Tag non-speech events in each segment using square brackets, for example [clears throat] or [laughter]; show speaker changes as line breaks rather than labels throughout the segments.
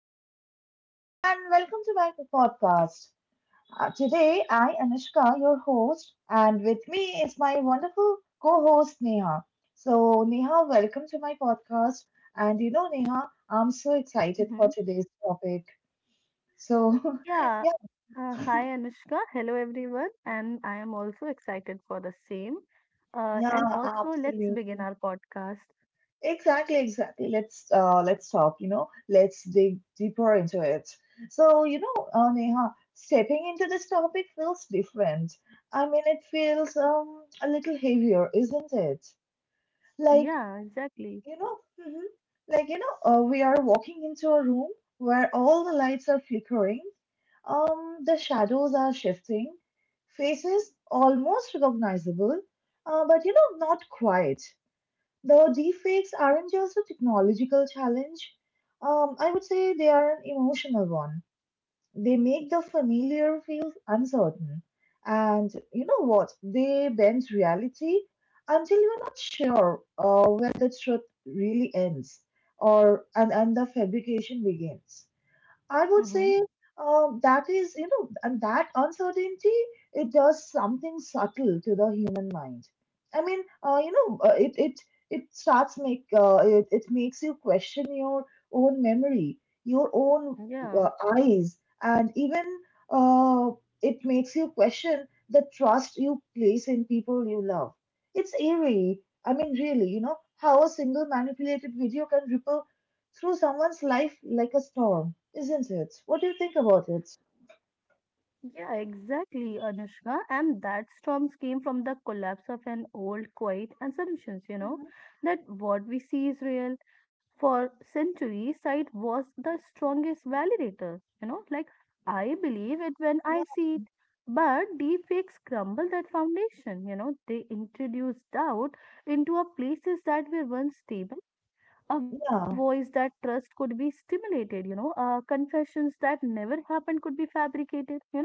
Hello, everyone, and welcome to my podcast. Today, I, Anushka, your host, and with me is my wonderful co host, Neha. So, Neha, welcome to my podcast. And you know, Neha, I'm so excited for
Mm-hmm.
today's topic. So, [laughs]
Yeah.
yeah,
Hi, Anushka. Hello, everyone. And I am also excited for the same. And
yeah,
also, let's begin
absolutely.
our podcast.
Exactly, exactly. Let's talk, you know, let's dig deeper into it. So, you know, Neha, stepping into this topic feels different. I mean, it feels a little heavier, isn't it? Like,
Yeah, exactly.
you know, mhm, like, you know, we are walking into a room where all the lights are flickering, the shadows are shifting, faces almost recognizable, but you know, not quite. The deepfakes aren't just a technological challenge. I would say they are an emotional one. They make the familiar feel uncertain. And you know what? They bend reality until you're not sure where the truth really ends or and the fabrication begins. I would
Mm-hmm.
say that is, you know, and that uncertainty, it does something subtle to the human mind. I mean, you know, it it it starts make it it makes you question your own memory, your own
Yeah.
uh, eyes, and even uh, it makes you question the trust you place in people you love. It's eerie. I mean, really, you know, how a single manipulated video can ripple through someone's life like a storm, isn't it? What do you think about it?
Yeah, exactly, Anushka. And that storms came from the collapse of an old quiet assumptions,
Mhm.
that what we see is real. For centuries, sight was the strongest validator, you know, like I believe it when I
Yeah,
see it. But deepfakes crumble that foundation, you know, they introduce doubt into a places that were once stable a voice that
yeah.
trust could be stimulated, you know, confessions that never happened could be fabricated, you know,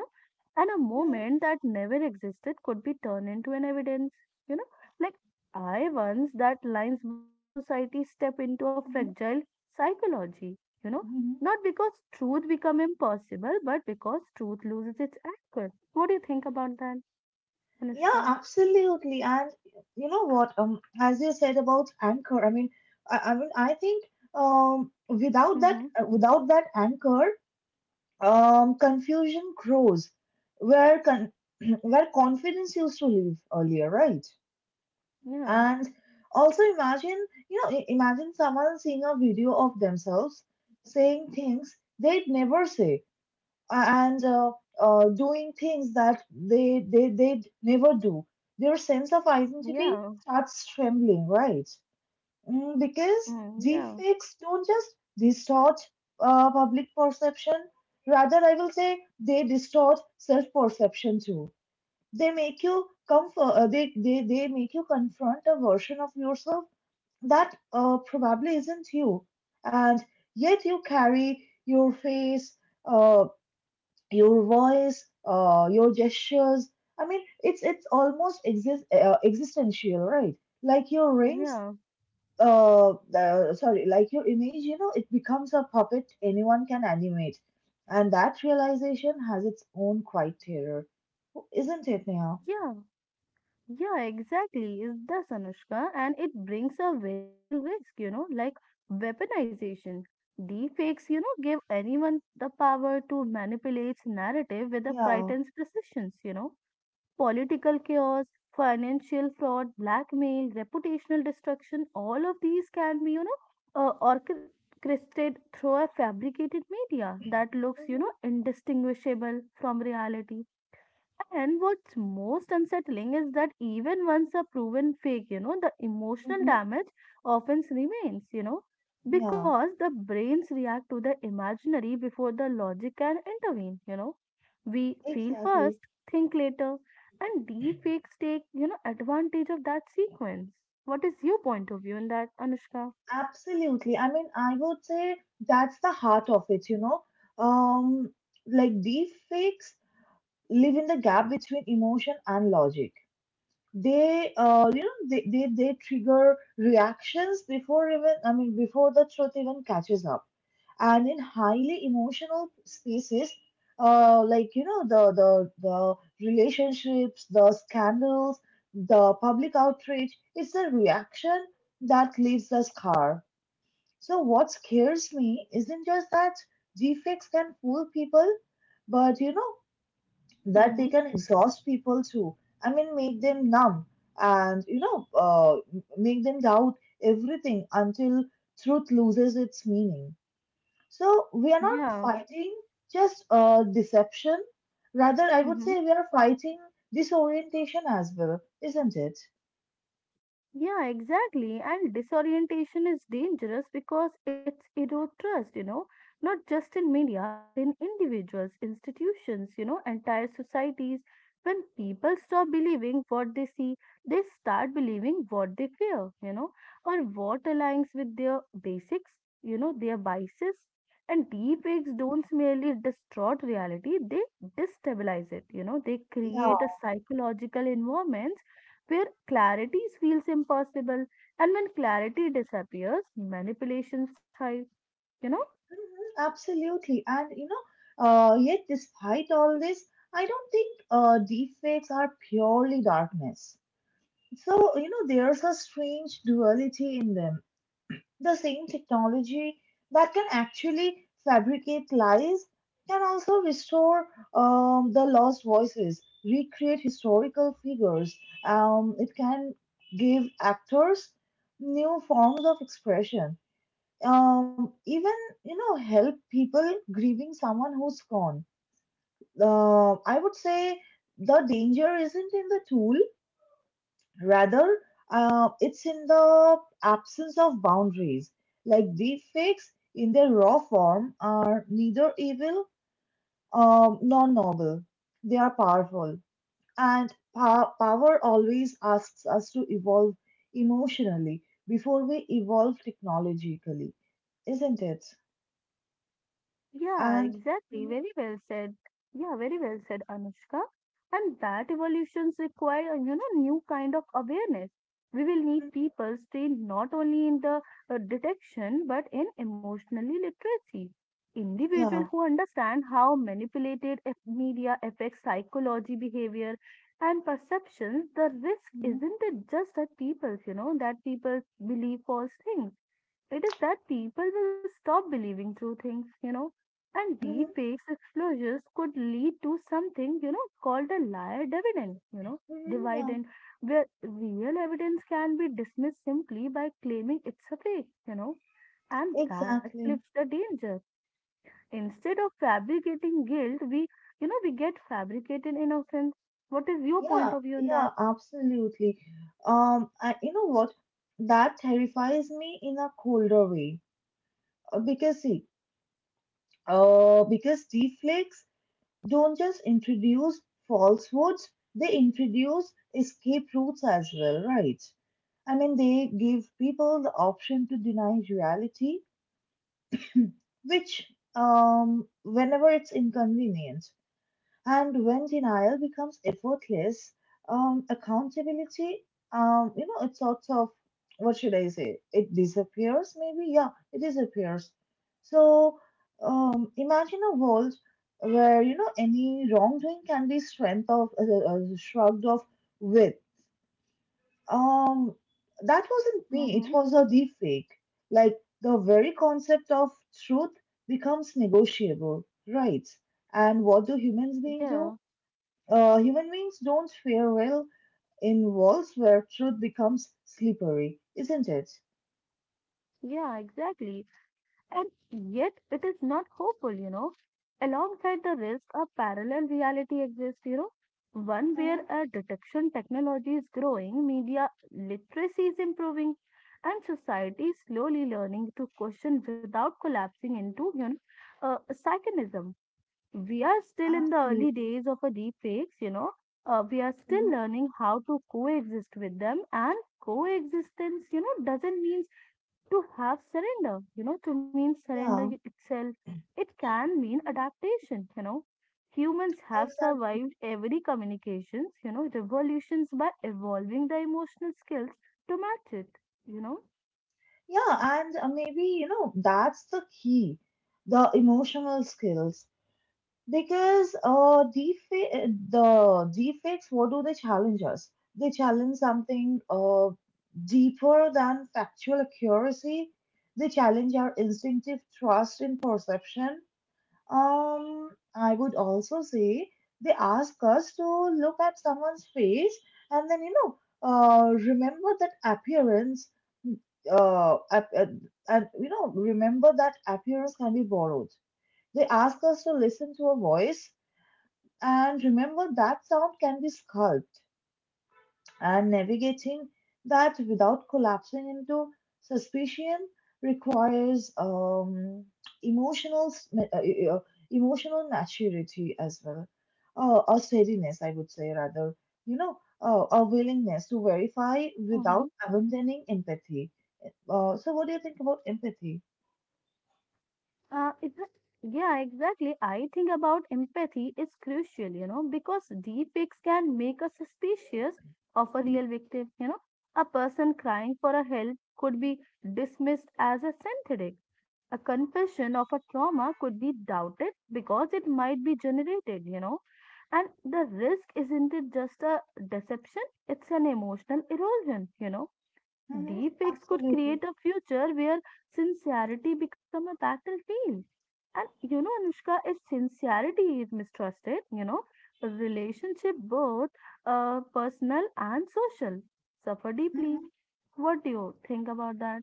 and a
Mhm,
moment that never existed could be turned into an evidence, you know, like I once that lines blur society step into a
mhm,
fragile psychology, you know,
mhm.
not because truth become impossible, but because truth loses its anchor. What do you think about that,
Yeah,
Anushka?
absolutely. And you know what? As you said about anchor, I mean, I think
Mm-hmm.
without that anchor, confusion grows where con [clears throat] where confidence used to live earlier, right?
Yeah,
And also imagine, you know, imagine someone seeing a video of themselves saying things they'd never say a- and doing things that they'd never do. Their sense of identity
yeah,
starts trembling, right? Mm, because
yeah,
deepfakes don't just distort public perception, rather, I will say they distort self perception too. They make you they make you confront a version of yourself that probably isn't you. And yet you carry your face, uh, your voice, your gestures. I mean, it's almost existential, right? Like your rings,
yeah,
uh, sorry, like your image, you know, it becomes a puppet anyone can animate. And that realization has its own quiet terror, isn't it, Neha?
yeah. Yeah, exactly. Is does Anushka, and it brings a very real risk, you know, like weaponization. Deepfakes, you know, give anyone the power to manipulate narrative with a
Yeah.
pretense precision, you know. Political chaos, financial fraud, blackmail, reputational destruction, all of these can be, you know, orchestrated through a fabricated media that looks, you know,
Mm-hmm,
indistinguishable from reality and what's most unsettling is that even once a proven fake, you know, the emotional
mm-hmm.
damage often remains, you know,
Yeah,
because the brains react to the imaginary before the logic can intervene, you know. We feel
exactly.
first, think later, and deep fakes take, you know, advantage of that sequence. What is your point of view in that, Anushka?
Absolutely. I mean, I would say that's the heart of it, you know. Um, like deep fakes live in the gap between emotion and logic. You know, they trigger reactions before even, I mean, before the truth even catches up. And in highly emotional spaces like you know the relationships, the scandals, the public outrage, it's the reaction that leaves the scar. So what scares me isn't just that defects can fool people, but you know, that
Mm-hmm.
they can exhaust people too. I mean, make them numb, and you know, make them doubt everything until truth loses its meaning. So we are not
Yeah.
fighting just deception. Rather, I would
Mm-hmm.
say we are fighting disorientation as well, isn't it?
Yeah, exactly. And disorientation is dangerous because it's erode trust, you know, not just in media, but in individuals, institutions, you know, entire societies. When people stop believing what they see, they start believing what they fear, you know, or what aligns with their basics, you know, their biases. And deep fakes don't merely distort reality, they destabilize it, you know, they
Yeah.
create a psychological environment where clarity feels impossible. And when clarity disappears, manipulations thrive, you know.
Mhm, absolutely. And you know, yet despite all this, I don't think deepfakes are purely darkness. So you know, there's a strange duality in them. The same technology that can actually fabricate lies can also restore the lost voices, recreate historical figures. It can give actors new forms of expression. Even you know, help people grieving someone who's gone. I would say the danger isn't in the tool. Rather, it's in the absence of boundaries. Like deepfakes in their raw form are neither evil nor noble. They are powerful. And power always asks us to evolve emotionally before we evolve technologically, isn't it?
Yeah,
And
exactly.
mhm,
Very well said. Yeah, very well said, Anushka. And that evolutions require, you know, new kind of awareness. We will
mhm,
need people trained not only in the detection but in emotionally literacy. Individuals
yeah.
who understand how media affects psychology, behavior, and perceptions. The risk
Mhm,
isn't it just that people believe false things it is that people will stop believing true things, you know. And
mhm,
deep fakes exposures could lead to something, you know, called a liar dividend, you know,
mhm. Yeah,
dividend, where real evidence can be dismissed simply by claiming it's a fake, you know. And that flips
exactly.
the danger. Instead of fabricating guilt, we get fabricated innocence. What is your point
Yeah,
of view on that?
yeah, absolutely. And you know what? That terrifies me in a colder way. Because see, because deflects don't just introduce falsehoods, they introduce escape routes as well, right? I mean, they give people the option to deny reality, [clears throat] which, whenever it's inconvenient. And when denial becomes effortless, accountability, you know, it sort of, what should I say? It disappears, maybe? Yeah, it disappears. So imagine a world where, you know, any wrongdoing can be shrugged off with, Um, "That wasn't me, it
Mm-hmm.
was a deep fake." Like the very concept of truth becomes negotiable, right? And what do humans being do?
Yeah.
Human beings don't fare well in worlds where truth becomes slippery, isn't it?
Yeah, exactly. And yet it is not hopeful, you know. Alongside the risk, a parallel reality exists, you know, one where
Hmm.
a detection technology is growing, media literacy is improving, and society is slowly learning to question without collapsing into psychonism. We are still in the early
Absolutely.
days of a deep fakes, you know. We are still
Hmm.
learning how to coexist with them, and coexistence, you know, doesn't mean to have surrender, you know, to mean
Yeah.
itself. It can mean adaptation, you know. Humans have
Exactly.
survived every communications, you know, revolutions by evolving the emotional skills to match it, you
Yeah, and maybe, you know, that's the key, the emotional skills. Because the defects, what do they challenge us? They challenge something deeper than factual accuracy. They challenge our instinctive trust in perception. Um, I would also say they ask us to look at someone's face and then, you know, remember that appearance, ap- and you know, remember that appearance can be borrowed. They ask us to listen to a voice and remember that sound can be sculpted, and navigating that without collapsing into suspicion requires emotional s- ma- uh, uh, emotional maturity as well, a steadiness, I would say rather, you know, a willingness to verify without
know.
abandoning empathy. So, what do you think about empathy?
Uh, it, yeah, exactly. I think about empathy is crucial, you know, because deepfakes can make us suspicious of a
Mhm.
real victim. You know, a person crying for a help could be dismissed as a synthetic. A confession of a trauma could be doubted because it might be generated, you know. And the risk isn't it just a deception? It's an emotional erosion, you know.
Hmm.
Deepfakes could
Absolutely.
create a future where sincerity become a battlefield. And you know, Anushka, if sincerity is mistrusted, you know, a relationship both personal and social suffer deeply. What do you think about that?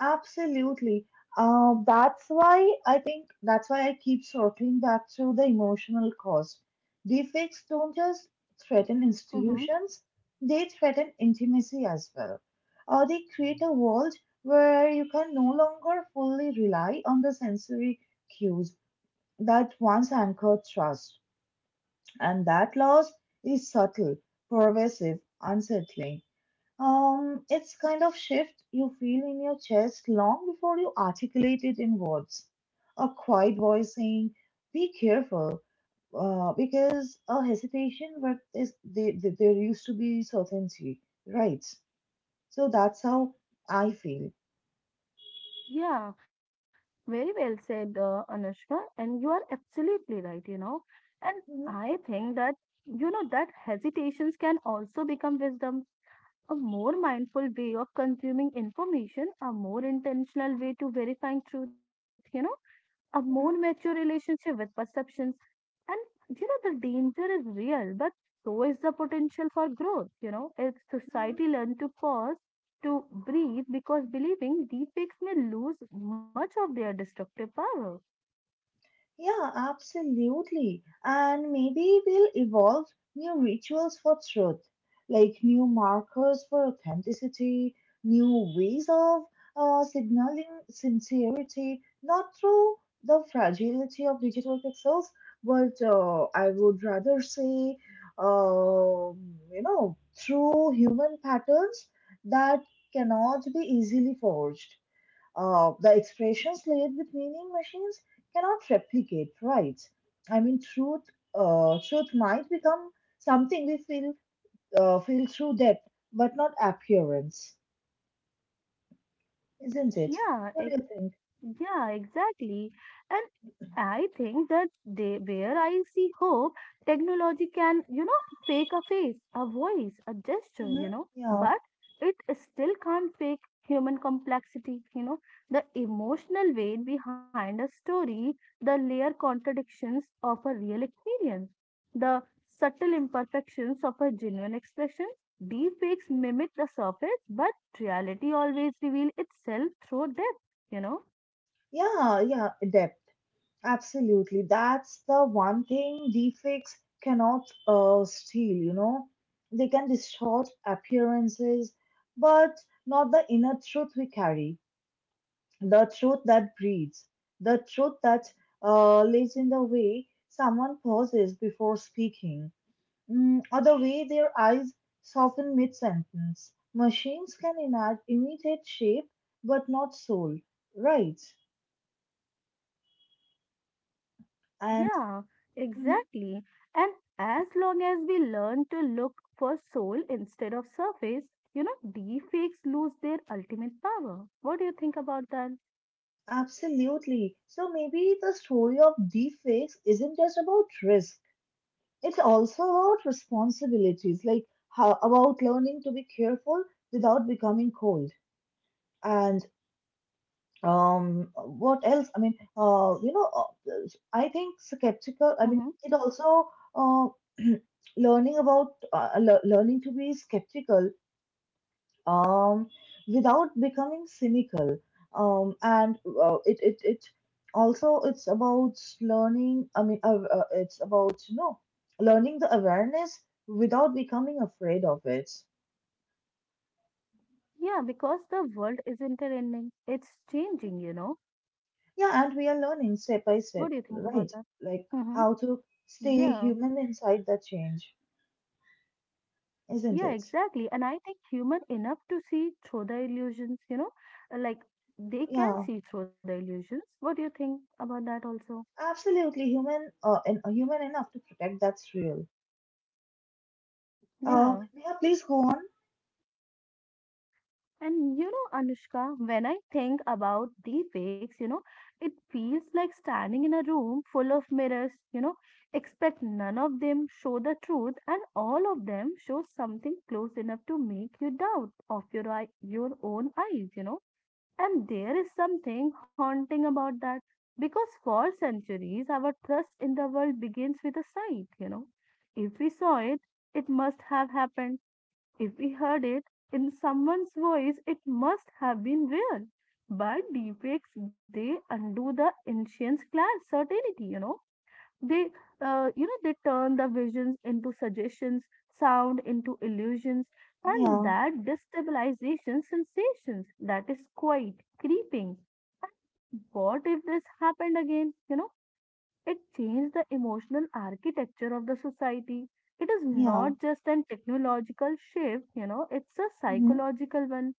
Absolutely. That's why I think, that's why I keep circling back to the emotional cause. Deepfakes don't just threaten
Hmm.
institutions, they threaten intimacy as well. They create a world where you can no longer fully rely on the sensory cues that once anchored trust. And that loss is subtle, pervasive, unsettling. It's kind of shift you feel in your chest long before you articulate it in words. A quiet voice saying, "Be careful," because a hesitation, but there used to be certainty, right? So that's how I feel.
Yeah, very well said, Anushka. And you are absolutely right, you know. And
Mhm,
I think that, you know, that hesitations can also become wisdom a more mindful way of consuming information, a more intentional way to verifying truth, you know, a more mature
mhm,
relationship with perceptions. And you know, the danger is real, but so is the potential for growth, you know, if
mhm.
society learn to pause, to breathe, because believing deepfakes may lose much of their destructive power.
Yeah, absolutely. And maybe we'll evolve new rituals for truth, like new markers for authenticity, new ways of signaling sincerity, not through the fragility of digital pixels, but I would rather say, you know, through human patterns that cannot be easily forged. The expressions layered with meaning machines cannot replicate, right? I mean, truth might become something we feel feel through depth, but not appearance, isn't it?
Yeah,
What
ex-
do you think?
yeah, exactly. And. I think that they, where I see hope, technology can, you know, fake a face, a voice, a gesture,
Hmm.
you know,
Yeah,
but it still can't fake human complexity, you know, the emotional weight behind a story, the layer contradictions of a real experience, the subtle imperfections of a genuine expression. Deepfakes mimic the surface, but reality always reveals itself through depth, you know.
yeah, depth. Absolutely. That's the one thing deepfakes cannot steal. You know, they can distort appearances, but not the inner truth we carry. The truth that breathes, the truth that lives in the way someone pauses before speaking, mm, or the way their eyes soften mid sentence. Machines can imitate shape, but not soul, right? And
Yeah,
mhm,
exactly. And as long as we learn to look for soul instead of surface, you know, deepfakes lose their ultimate power. What do you think about that?
absolutely. So maybe the story of deepfakes isn't just about risk. It's also about responsibilities, like how, about learning to be careful without becoming cold. And what else I mean you know I think skeptical, I mean
Hmm.
it also uh [clears throat] learning to be skeptical um without becoming cynical, and it, it it also it's about learning I mean it's about you know, learning the awareness without becoming afraid of it.
Yeah, because the world isn't ending, it's changing, you know.
Yeah, and we are learning
What do
step
you
by
think
step,
about that?
right?
Hmm.
Like how to
Yeah,
stay human inside that change,
yeah,
isn't it?
exactly. And I think human enough to see through the illusions, you know, like they can
Yeah,
see through the illusions. What do you think about that also?
absolutely human, and human enough to protect that's real.
Yeah.
Yeah, please go on.
And you know, Anushka, when I think about deepakes, you know, it feels like standing in a room full of mirrors, you know, expect none of them show the truth and all of them show something close enough to make you doubt of your own eyes, you know. And there is something haunting about that because for centuries our trust in the world begins with a sight, you know. If we saw it, it must have happened if we heard it in someone's voice, it must have been real. But deepfakes, they undo the ancient class certainty, you know. They, they turn the visions into suggestions, sound into illusions, and
Yeah,
that destabilization sensations that is quite creeping. What if this happened again, you know? It changed the emotional architecture of the society. It is
yeah,
not just an technological shift, you know, it's a
hmm,
psychological one.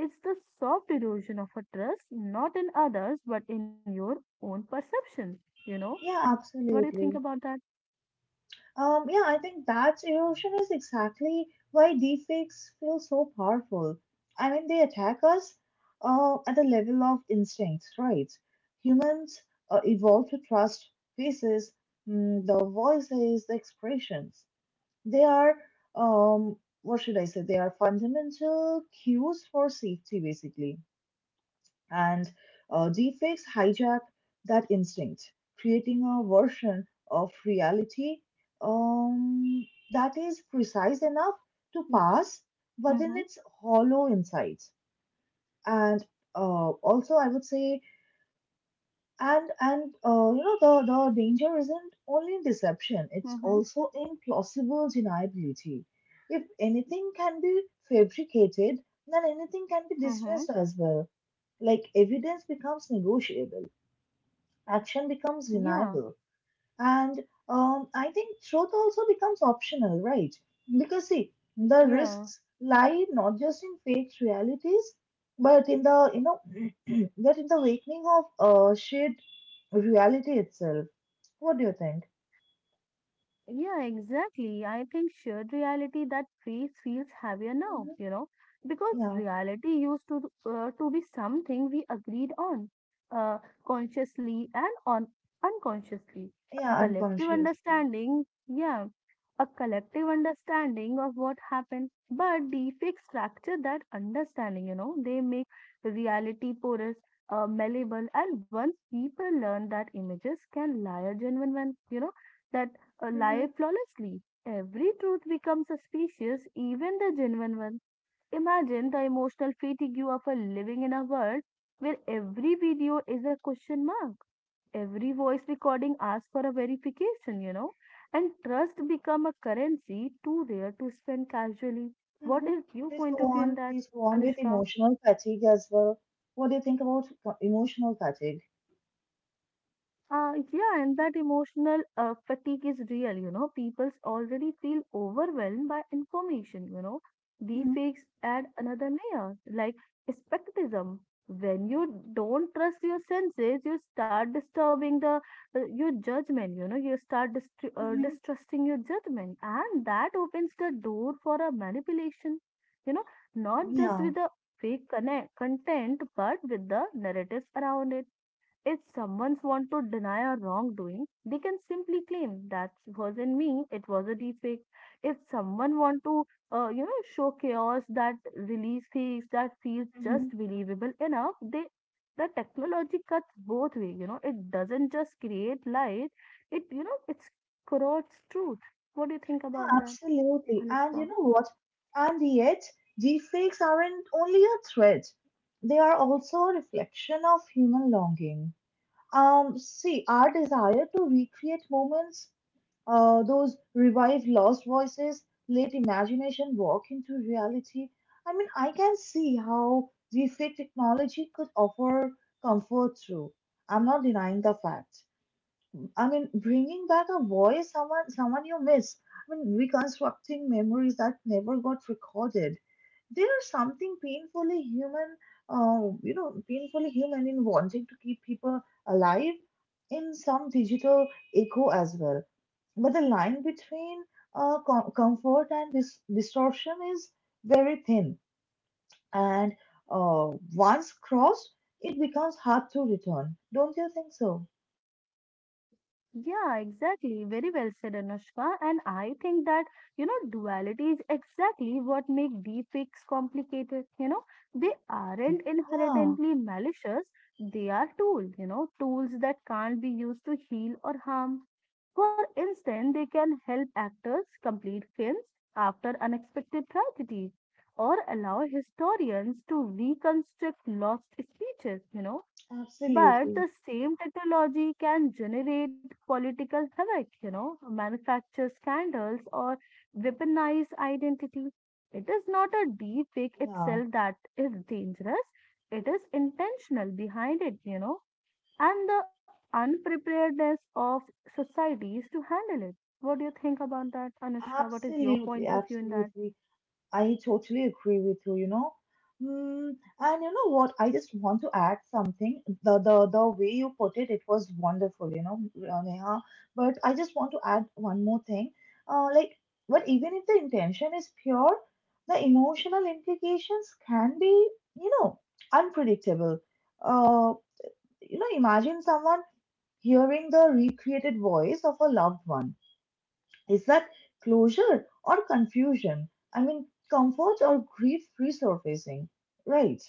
It's the soft erosion of a trust, not in others, but in your own perception. You know,
yeah,
what do you think
absolutely.
about that?
Yeah, I think that erosion is exactly why deepfakes feel so powerful. I mean, they attack us at the level of instincts, right? Humans evolved to trust faces, mm, the voices, the expressions. They are, um, what should I say? They are fundamental cues for safety, basically, and deepfakes hijack that instinct, creating a version of reality um, that is precise enough to
Mm-hmm,
pass, but then
mm-hmm,
it's hollow inside. And also, I would say and you know, the danger isn't only in deception; it's
mm-hmm.
also in plausible deniability. If anything can be fabricated, then anything can be
Mm-hmm.
dismissed as well. Like evidence becomes negotiable, action becomes
Yeah,
deniable. And I think truth also becomes optional, right? Because see, the
yeah.
risks lie not just in fake realities, but in the you know, [clears throat] but in the awakening of shared reality itself. What do you think?
Yeah, exactly. I think shared reality that phrase feels heavier now,
Hmm.
you know, because
Yeah,
reality used to be something we agreed on, uh, consciously and on unconsciously. A
yeah,
collective
unconsciously.
understanding, yeah, a collective understanding of what happened. But the fixed structure that understanding, you know, they make reality porous, malleable, and once people learn that images can lie genuine when you know. That
Mm-hmm,
alive flawlessly. Every truth becomes suspicious, even the genuine one. Imagine the emotional fatigue of a living in a world where every video is a question mark. Every voice recording asks for a verification, you know, and trust become a currency too rare to spend casually. What
mm-hmm.
is your
Please go
point of view in
on.
that,
Please go on with
Anushka?
emotional fatigue as well. What do you think about emotional fatigue?
Yeah, and that emotional fatigue is real, you know. People already feel overwhelmed by information, you know. The
Hmm.
fakes add another layer, like skepticism. When you don't trust your senses, you start disturbing the your judgment, you know. You start
Hmm.
distrusting your judgment, and that opens the door for a manipulation, you know, not just
Yeah.
with the content, but with the narratives around it if someone wants to deny a wrongdoing, they can simply claim that wasn't me, it was a defect. If someone wants to, you know, show chaos that release feels that feels just believable enough, they the technology cuts both way. You know, it doesn't just create light; it you know, it corrodes truth. What do you think
Yeah,
about that,
absolutely. And
Anushka?
you know what? And yet, deepfakes aren't only a threat, they are also a reflection of human longing. See, our desire to recreate moments, those revive lost voices, let imagination walk into reality. I mean, I can see how deepfake technology could offer comfort through. I'm not denying the fact. I mean, bringing back a voice, someone you miss. I mean, reconstructing memories that never got recorded. There's something painfully human, painfully human in wanting to keep people alive in some digital echo as well. But the line between comfort and distortion is very thin, and uh, once crossed, it becomes hard to return. Don't you think so?
Yeah, exactly. Very well said, Anushka. And I think that, you know, duality is exactly what make deepfakes complicated. You know, they
Mm.
aren't
Yeah.
inherently malicious. They are tools, you know, tools that can't be used to heal or harm. For instance, they can help actors complete films after unexpected tragedy or allow historians to reconstruct lost speeches, you know but
Absolutely.
the same technology can generate political havoc, you know, manufacture scandals or weaponize identity. It is not a deep fake
Yeah,
itself that is dangerous. It is intentional behind it, you know, and the unpreparedness of societies to handle it. What do you think about that, Anushka? What is your
absolutely,
point of view in that?
absolutely. I totally agree with you, you know. Mm, and you know what? I just want to add something. The way you put it, it was wonderful, you know, Neha. But I just want to add one more thing. Uh, like, but even if the intention is pure, the emotional implications can be, you know, unpredictable. Uh, you know, imagine someone hearing the recreated voice of a loved one. Is that closure or confusion? I mean, comfort or grief resurfacing, right?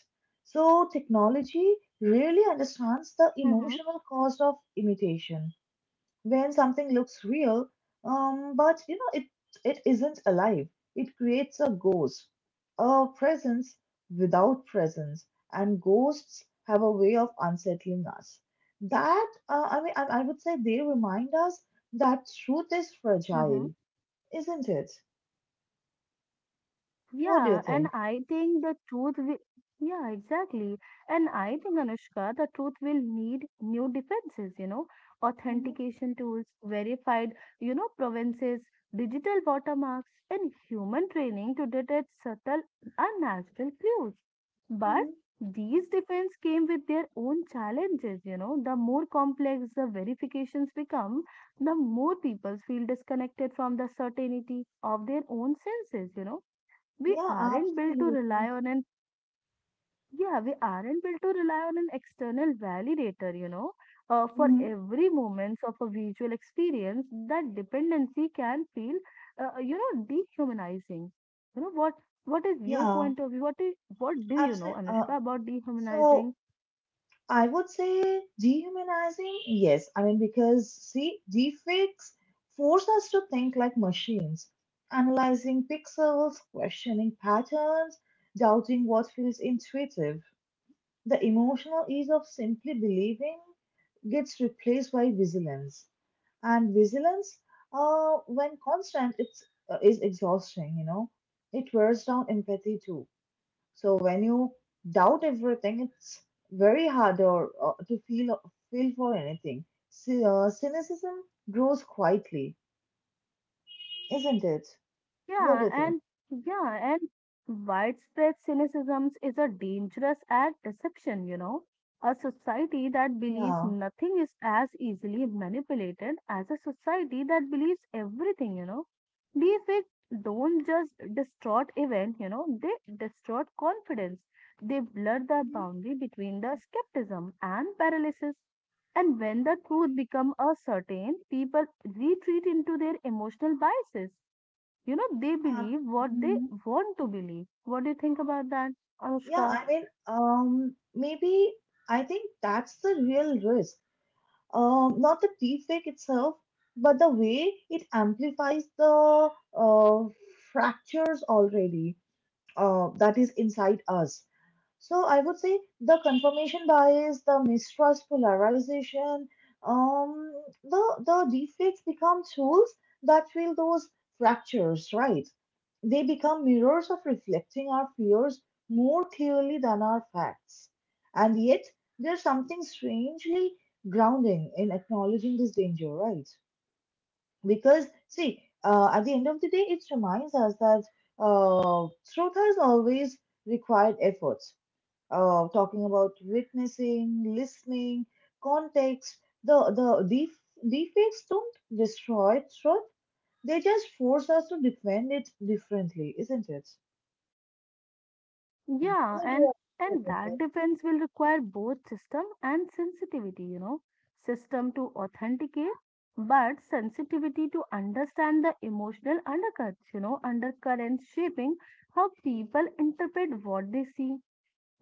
So, technology really understands the
Mm-hmm,
emotional cost of imitation. When something looks real, but you know, it isn't alive, it creates a ghost, a presence without presence, and ghosts have a way of unsettling us. That, I mean, I would say they remind us that truth is
mm-hmm.
fragile, isn't it? What do you
Yeah, and
think?
I think the truth will, yeah, exactly. And I think, Anushka, the truth will need new defenses, you know,
Hmm
authentication tools, verified, you know, provinces, digital watermarks, and human training to detect subtle, unnatural clues. But
hmm
these defense came with their own challenges, you know. The more complex the verifications become, the more people feel disconnected from the certainty of their own senses, you know we
Yeah,
aren't built to
absolutely.
rely on an yeah we aren't built to rely on an external validator, you know, for
Hmm
every moments of a visual experience. That dependency can feel, you know, dehumanizing. You know what is your
Yeah,
point of view? What do you know,
absolutely. Uh,
Anushka, about
so
dehumanizing?
I would say dehumanizing, yes. I mean, because see, deepfakes force us to think like machines, analyzing pixels, questioning patterns, doubting what feels intuitive. The emotional ease of simply believing gets replaced by vigilance. And vigilance, when constant, it's is exhausting. You know, it wears down empathy too. So when you doubt everything, it's very hard to feel for anything. So, cynicism grows quietly, isn't it? What do
Yeah,
you think?
and yeah, and widespread cynicism is a dangerous act deception, you know. A society that believes
Yeah.
nothing is as easily manipulated as a society that believes everything, you know. Deepfakes don't just distort event, you know, they distort confidence. They blur the
hmm
boundary between the skepticism and paralysis. And when the truth becomes uncertain, people retreat into their emotional biases, you know, they
Uh,
believe what they
mm,
want to believe. What do you think about that,
yeah,
Anushka?
I mean, maybe I think that's the real risk. Not the deepfake itself, but the way it amplifies the uh, fractures already that is inside us. So I would say the confirmation bias, the mistrust, polarization, um, the defects become tools that fill those fractures, right? They become mirrors of reflecting our fears more clearly than our facts. And yet, there's something strangely grounding in acknowledging this danger, right? Because, see, at the end of the day, it reminds us that uh, truth has always required effort, talking about witnessing, listening, context. The deep Deepfakes don't destroy truth; they just force us to defend it differently, isn't it?
Yeah,
What do
and
you think
and
about
that
that?
defense will require both system and sensitivity, you know. System to authenticate, but sensitivity to understand the emotional undercuts, you know, undercurrents shaping how people interpret what they see.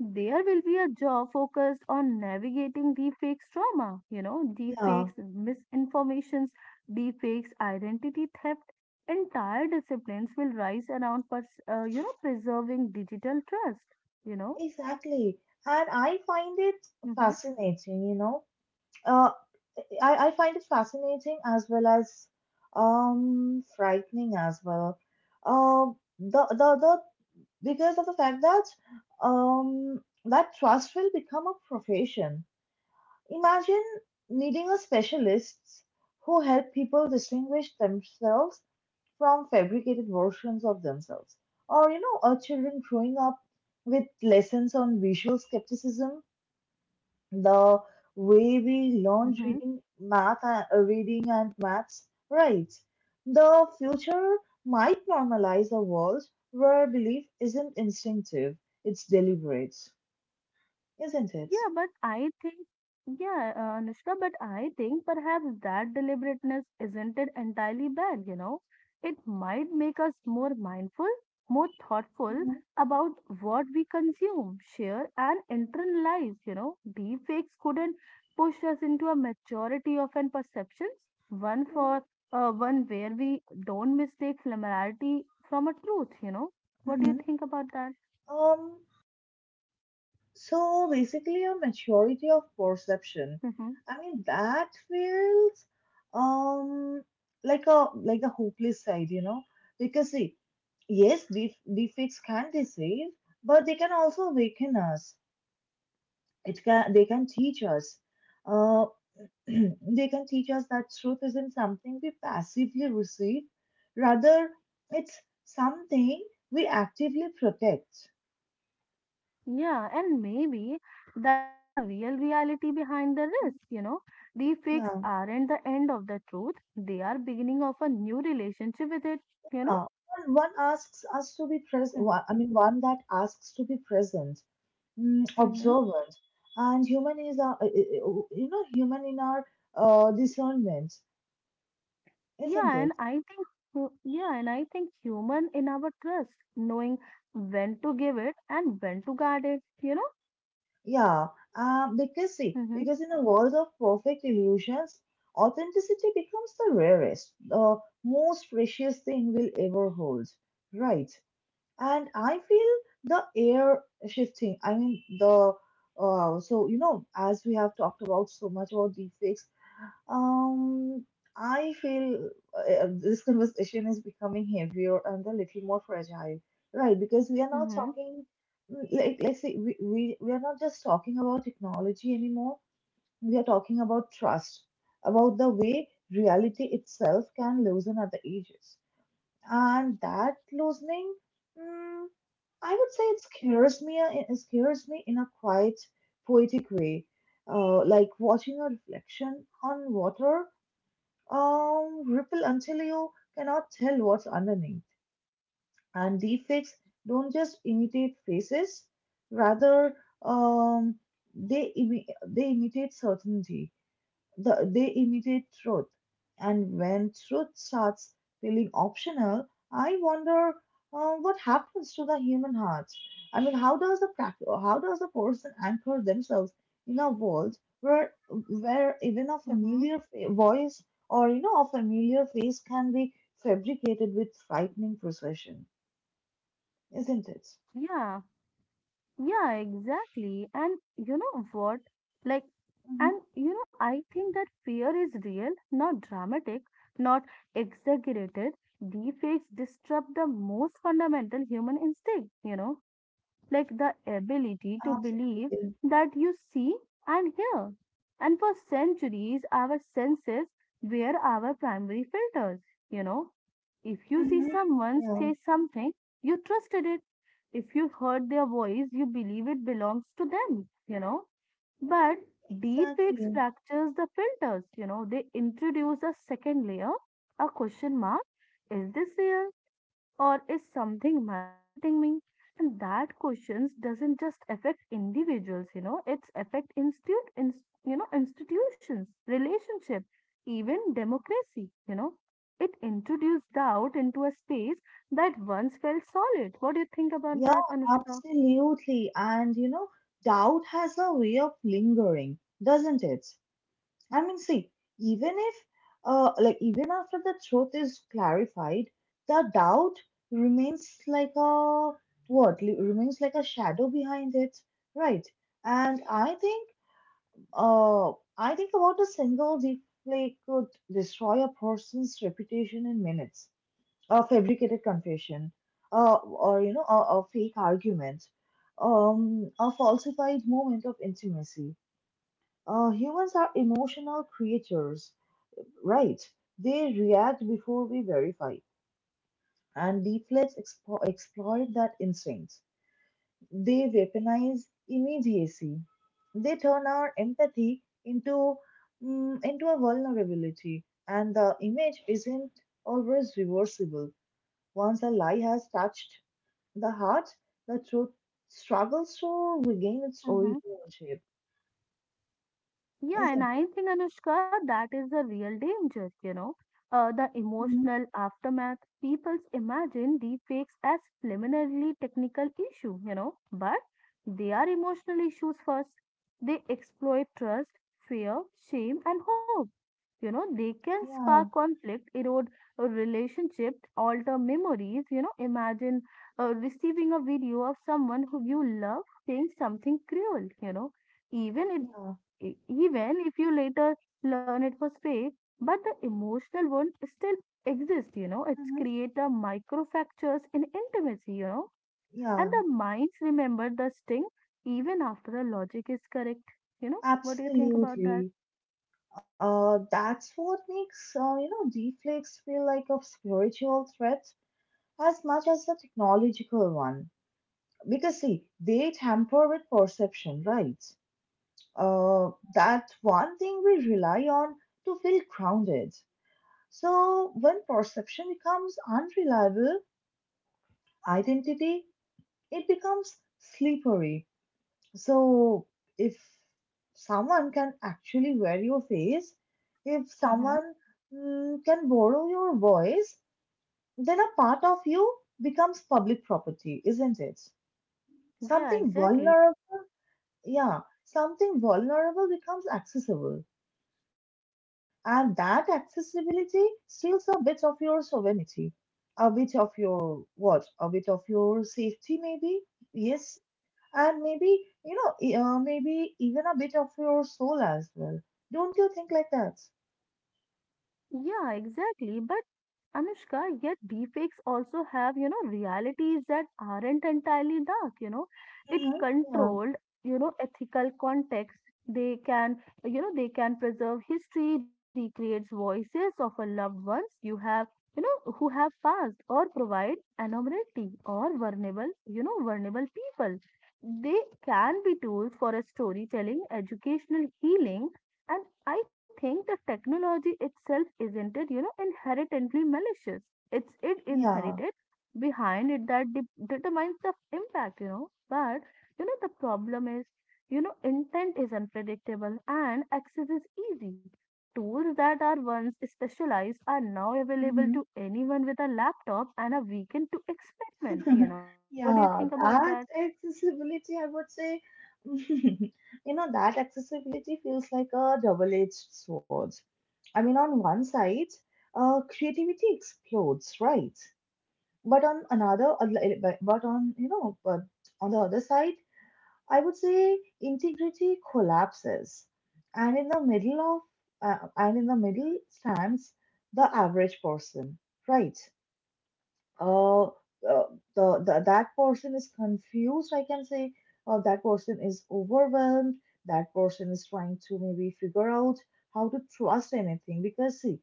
There will be a job focused on navigating deepfakes trauma, you know,
Yeah,
deepfakes misinformations, deepfakes identity theft. Entire disciplines will rise around, you know, preserving digital trust, you know.
exactly. And I find it
hmm
fascinating, you know. Uh, I find it fascinating as well as frightening as well. The Because of the fact that that trust will become a profession. Imagine needing a specialist who help people distinguish themselves from fabricated versions of themselves, or you know, our children growing up with lessons on visual skepticism the way we learn
hmm
reading math and reading and maths, right? The future might normalize a world where belief isn't instinctive, it's deliberate, isn't it?
Yeah, but I think, yeah, Anushka, but I think perhaps that deliberateness isn't it entirely bad, you know? It might make us more mindful, more thoughtful
Hmm
about what we consume, share, and internalize, you know? Deepfakes couldn't push us into a maturity of an perceptions, one for one where we don't mistake familiarity from a truth, you know? What do you
hmm
think about that?
um So basically, a maturity of perception.
Mm-hmm.
I mean, that feels um like a hopeless side, you know, because see, yes, defects can deceive, but they can also awaken us. It can They can teach us. Uh, [clears throat] they can teach us that truth isn't something we passively receive, rather, it's something we actively protect.
Yeah, and maybe that's the real reality behind the risk,
Mm.
you know. Deepfakes
Yeah.
aren't the end of the truth. They are beginning of a new relationship with it, you know.
Uh, One asks us to be present. I mean, one that asks to be present, mm,
Mm-hmm.
observant, and you know, human in our discernment, isn't
Yeah,
it?
and I think, human in our trust, knowing when to give it and when to guard it, you know?
Yeah. Because see,
Mm-hmm.
because in a world of perfect illusions, authenticity becomes the rarest, the most precious thing we'll ever hold, right? And I feel the air shifting. I mean, the so you know, as we have talked about so much about deepfakes, um, I feel this conversation is becoming heavier and a little more fragile, right? Because we are not
Mm-hmm.
talking mm, like let's say we are not just talking about technology anymore. We are talking about trust, about the way reality itself can loosen at the edges, and that loosening. Mm, I would say it scares me. It scares me in a quiet, poetic way, like watching a reflection on water ripple until you cannot tell what's underneath. And deepfakes don't just imitate faces; rather, um, they imitate certainty, they imitate truth. And when truth starts feeling optional, I wonder what happens to the human heart. I mean, how does a person anchor themselves in a world where even a
Mm-hmm.
voice or you know a familiar face can be fabricated with frightening precision, isn't it?
Yeah, yeah, exactly. And you know what? Like
Hmm
And you know, I think that fear is real, not dramatic, not exaggerated. Defects disrupt the most fundamental human instinct, you know, like the ability to believe
Absolutely.
that you see and hear. And for centuries, our senses were our primary filters, you know. If you see
Hmm
someone
Yeah.
say something, you trusted it. If you heard their voice, you believe it belongs to them, you know, but deepfakes
Exactly.
fractures the filters, you know, they introduce a second layer, a question mark. Is this real, or is something manipulating me? And that questions doesn't just affect individuals, you know, it's affect institute, inst you know, institutions, relationship, even democracy, you know. It introduced doubt into a space that once felt solid. What do you think about
Yeah,
that, Anushka?
absolutely. And you know, doubt has a way of lingering, doesn't it? I mean, see, even if, even after the truth is clarified, the doubt remains like a what? Remains like a shadow behind it, right? And uh, I think about a single deep play could destroy a person's reputation in minutes, a fabricated confession, or you know, a fake argument, a falsified moment of intimacy. Humans are emotional creatures, right? They react before we verify, and deepfakes exploit that instinct. They weaponize immediacy. They turn our empathy into into a vulnerability, and the image isn't always reversible. Once a lie has touched the heart, the truth struggles to regain its
Mhm.
original shape,
Yeah,
isn't
and
it?
I think, Anushka, that is the real danger, you know. The
Mhm.
emotional aftermath. People imagine deepfakes as preliminarily technical issue, you know, but they are emotional issues first. They exploit trust, fear, shame, and hope. You know, they can
Yeah,
spark conflict, erode a relationship, alter memories. You know, imagine receiving a video of someone who you love saying something cruel, you know, even
yeah,
even if you later learn it was fake, but the emotional wound still exists, you know, it's
hmm
create a microfractures in intimacy, you know, and
yeah,
the minds remember the sting even after the logic is correct. You know, what do you think about that?
absolutely. That's what makes you know deflex feel like a spiritual threat as much as a technological one. Because see, they tamper with perception, right? That one thing we rely on to feel grounded. So when perception becomes unreliable, identity, it becomes slippery. So, if someone can actually wear your face, if
Mm-hmm.
someone mm, can borrow your voice, then a part of you becomes public property, isn't it?
Yeah,
Something
exactly.
vulnerable, yeah, something vulnerable becomes accessible, and that accessibility steals a bit of your sovereignty, a bit of your what, a bit of your safety, maybe. Yes, and maybe you know maybe even a bit of your soul as well. Don't you think like that?
Yeah, exactly. But Anushka, yet deepfakes also have, you know, realities that aren't entirely dark, you know. It
Mm-hmm.
controlled, you know, ethical context. They can, you know, they can preserve history, recreates voices of a loved ones you have, you know, who have passed or provide anonymity or vulnerable, you know, vulnerable people. They can be tools for a storytelling, educational healing. I think the technology itself isn't it, you know, inherently malicious. It's it
Yeah, yeah.
inherited behind it that determines the impact, you know. But you know the problem is, you know, intent is unpredictable and access is easy. Tools that are once specialized are now available
Mm-hmm.
to anyone with a laptop and a weekend to experiment, you
[laughs]
know. What do you
Yeah,
think about
that
that?
accessibility I would say, [laughs] you know, that accessibility feels like a double-edged sword. I mean, on one side, creativity explodes, right? But on you know, but on the other side, I would say integrity collapses, and in the middle of and in the middle stands the average person, right? uh, uh, the That person is confused, I can say, that person is overwhelmed, that person is trying to maybe figure out how to trust anything, because see,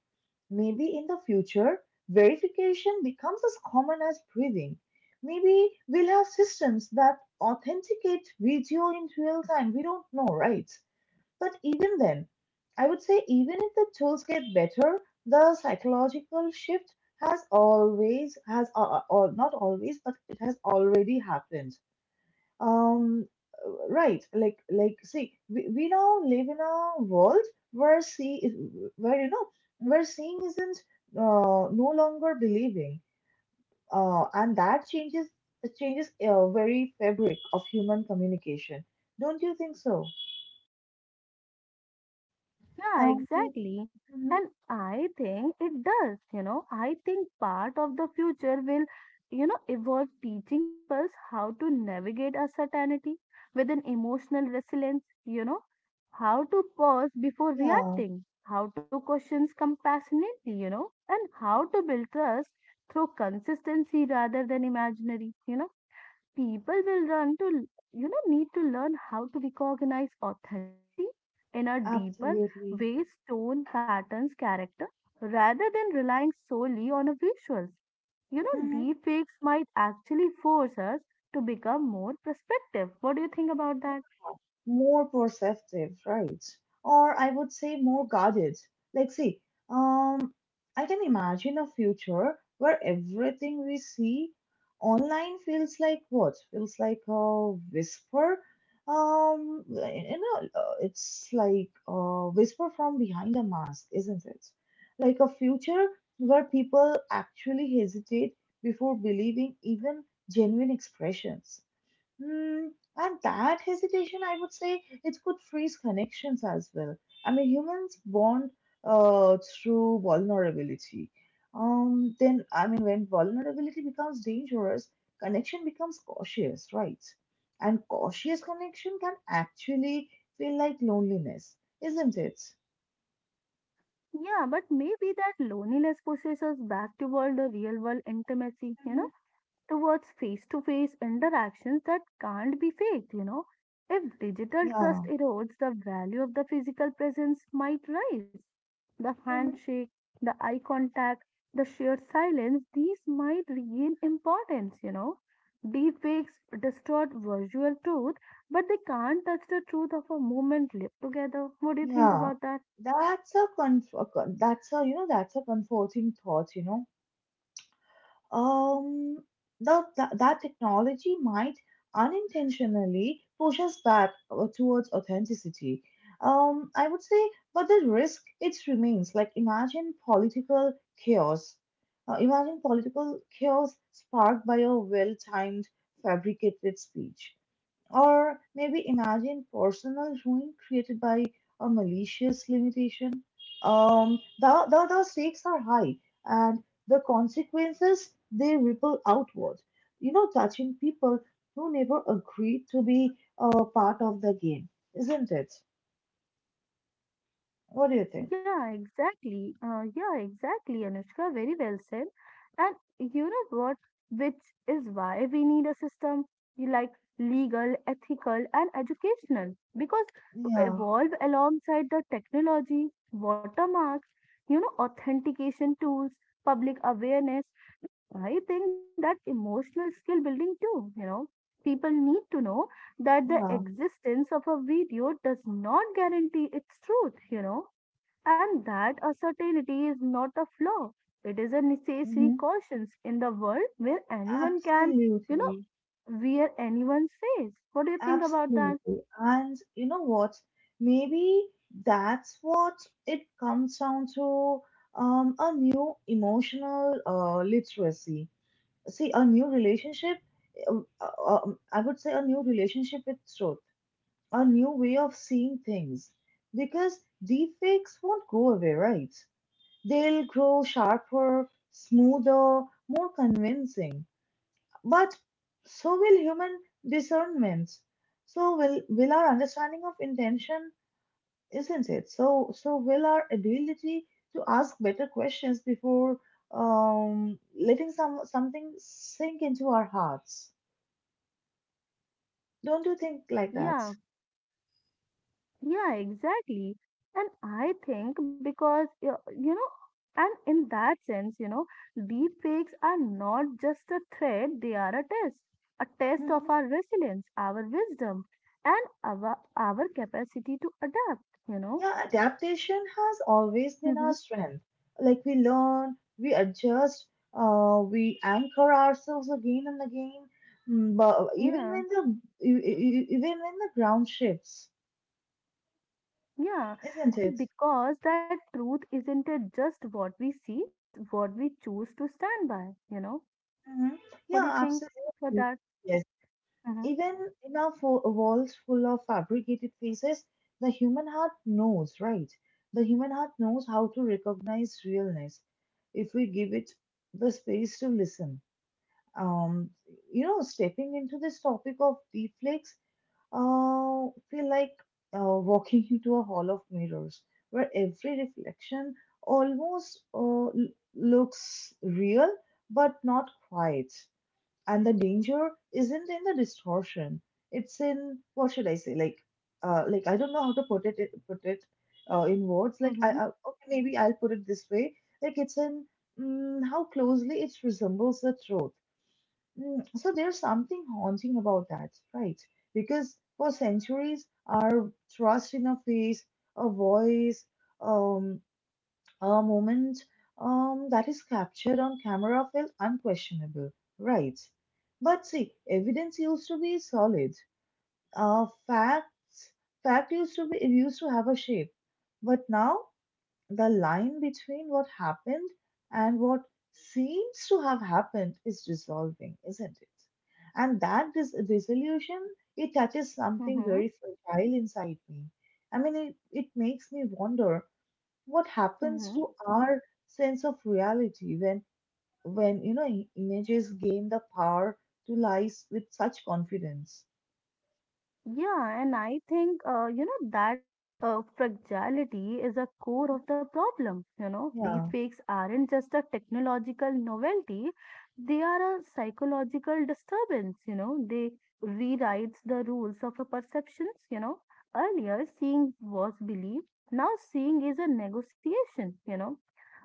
maybe in the future verification becomes as common as breathing. Maybe we'll have systems that authenticate video in real time, we don't know, right? But even then, I would say, even if the tools get better, the psychological shift has always, has, or not always, but it has already happened. Um, See, we now live in a world where see, where you know, where seeing isn't no longer believing, and that changes, it changes very fabric of human communication. Don't you think so?
Yeah,
Um,
exactly.
mhm,
And I think it does, you know. I think part of the future will, you know, evolve teaching peoples how to navigate uncertainty with an emotional resilience, you know, how to pause before
yeah.
reacting, how to question compassionately, you know, and how to build trust through consistency rather than imaginary, you know, people will you know, need to learn how to recognize authenticity in a deeper
Absolutely.
ways, tone, patterns, character, rather than relying solely on a visuals, you know,
Hmm
deepfakes might actually force us to become more perspective. What do you think about
Yeah.
that?
More perceptive, right? Or I would say more guarded. Like, see, um, I can imagine a future where everything we see online feels like what? Feels like a whisper. It's like a whisper from behind a mask, isn't it? Like a future where people actually hesitate before believing even genuine expressions. Mm, and that hesitation, I would say, it could freeze connections as well. I mean, humans bond through vulnerability. I mean, when vulnerability becomes dangerous, connection becomes cautious, right? And cautious connection can actually feel like loneliness, isn't it?
Yeah, but maybe that loneliness pushes us back toward the real world intimacy, you know,
Hmm
towards face to face interactions that can't be faked, you know. If digital trust
Yeah.
erodes, the value of the physical presence might rise. The
hmm
handshake, the eye contact, the sheer silence, these might regain importance, you know. Deepfakes distort virtual truth, but they can't touch the truth of a moment lived together. What do you think
Yeah,
about that?
that's a you know that's a comforting thought, you know. um, that technology might unintentionally push us back towards authenticity. I would say, but the risk it remains. Like imagine political chaos. Imagine political chaos sparked by a well-timed, fabricated speech. Or maybe imagine personal ruin created by a malicious limitation. The stakes are high and the consequences they ripple outward, you know, touching people who never agreed to be a part of the game, isn't it? What do you think?
Yeah, exactly. Yeah, exactly, Anushka. Very well said. And you know what? Which is why we need a system, you like, legal, ethical, and educational. Because to
Yeah,
evolve alongside the technology, watermarks, you know, authentication tools, public awareness, I think that emotional skill building too, you know. People need to know that the
yeah,
existence of a video does not guarantee its truth, you know, and that uncertainty is not a flaw. It is a necessary
hmm
caution in the world where anyone can, you know,
absolutely.
wear anyone's face. What do you think about that?
Absolutely. And you know what? Maybe that's what it comes down to, a new emotional literacy. See, a new relationship, I would say a new relationship with truth, a new way of seeing things. Because defects won't go away, right? They'll grow sharper, smoother, more convincing, but so will human discernments. So will our understanding of intention, isn't it? So will our ability to ask better questions before letting something sink into our hearts. Don't you think like that?
Yeah, yeah, exactly. And I think because, you know, and in that sense, you know, deep fakes are not just a threat, they are a test of
Hmm.
our resilience, our wisdom, and our capacity to adapt, you know.
Yeah, adaptation has always been
Hmm.
our strength. Like, we learn, we adjust, we anchor ourselves again and again. Mm, but even
Yeah.
when the e- e- e, even when the ground shifts,
Yeah,
isn't
and
it?
because that truth isn't it just what we see, it's what we choose to stand by, you know?
Hmm.
What
Yeah,
do you think for
absolutely.
that?
Yes.
Mm-hmm.
Even in world full of fabricated faces, the human heart knows, right? The human heart knows how to recognize realness if we give it the space to listen. um you know, stepping into this topic of deflex feel like walking [laughs] into a hall of mirrors where every reflection almost looks real, but not quite. And the danger isn't in the distortion, it's in, what should I say, like, like I don't know how to put it in words. Like i,
Mm-hmm.
I okay, maybe I'll put it this way. Like, it's in, how closely it resembles the truth. Mm, so there's something haunting about that, right? Because for centuries, our trust in a face, a voice, um, a moment that is captured on camera felt unquestionable, right? But see, evidence used to be solid. Facts, fact used to be, it used to have a shape, but now the line between what happened and what seems to have happened is dissolving, isn't it? And that dissolution, it touches something
Mm-hmm.
very fragile inside me. I mean, it makes me wonder what
Mm-hmm.
happens to our sense of reality when, when images gain the power to lie with such confidence.
Yeah, and I think, you know, that fragility is a core of the problem. You know,
Yeah,
deepfakes aren't just a technological novelty, they are a psychological disturbance. You know, they rewrites the rules of a perceptions. You know, earlier seeing was belief, now seeing is a negotiation, you know,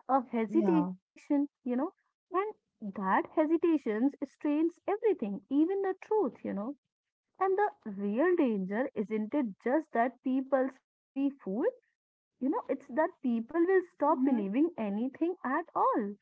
a
yeah.
hesitation, you know, and that hesitations strains everything, even the truth, you know, and the real danger isn't it just that people can be fooled? You know, it's that people will stop
Mm-hmm.
believing anything at all.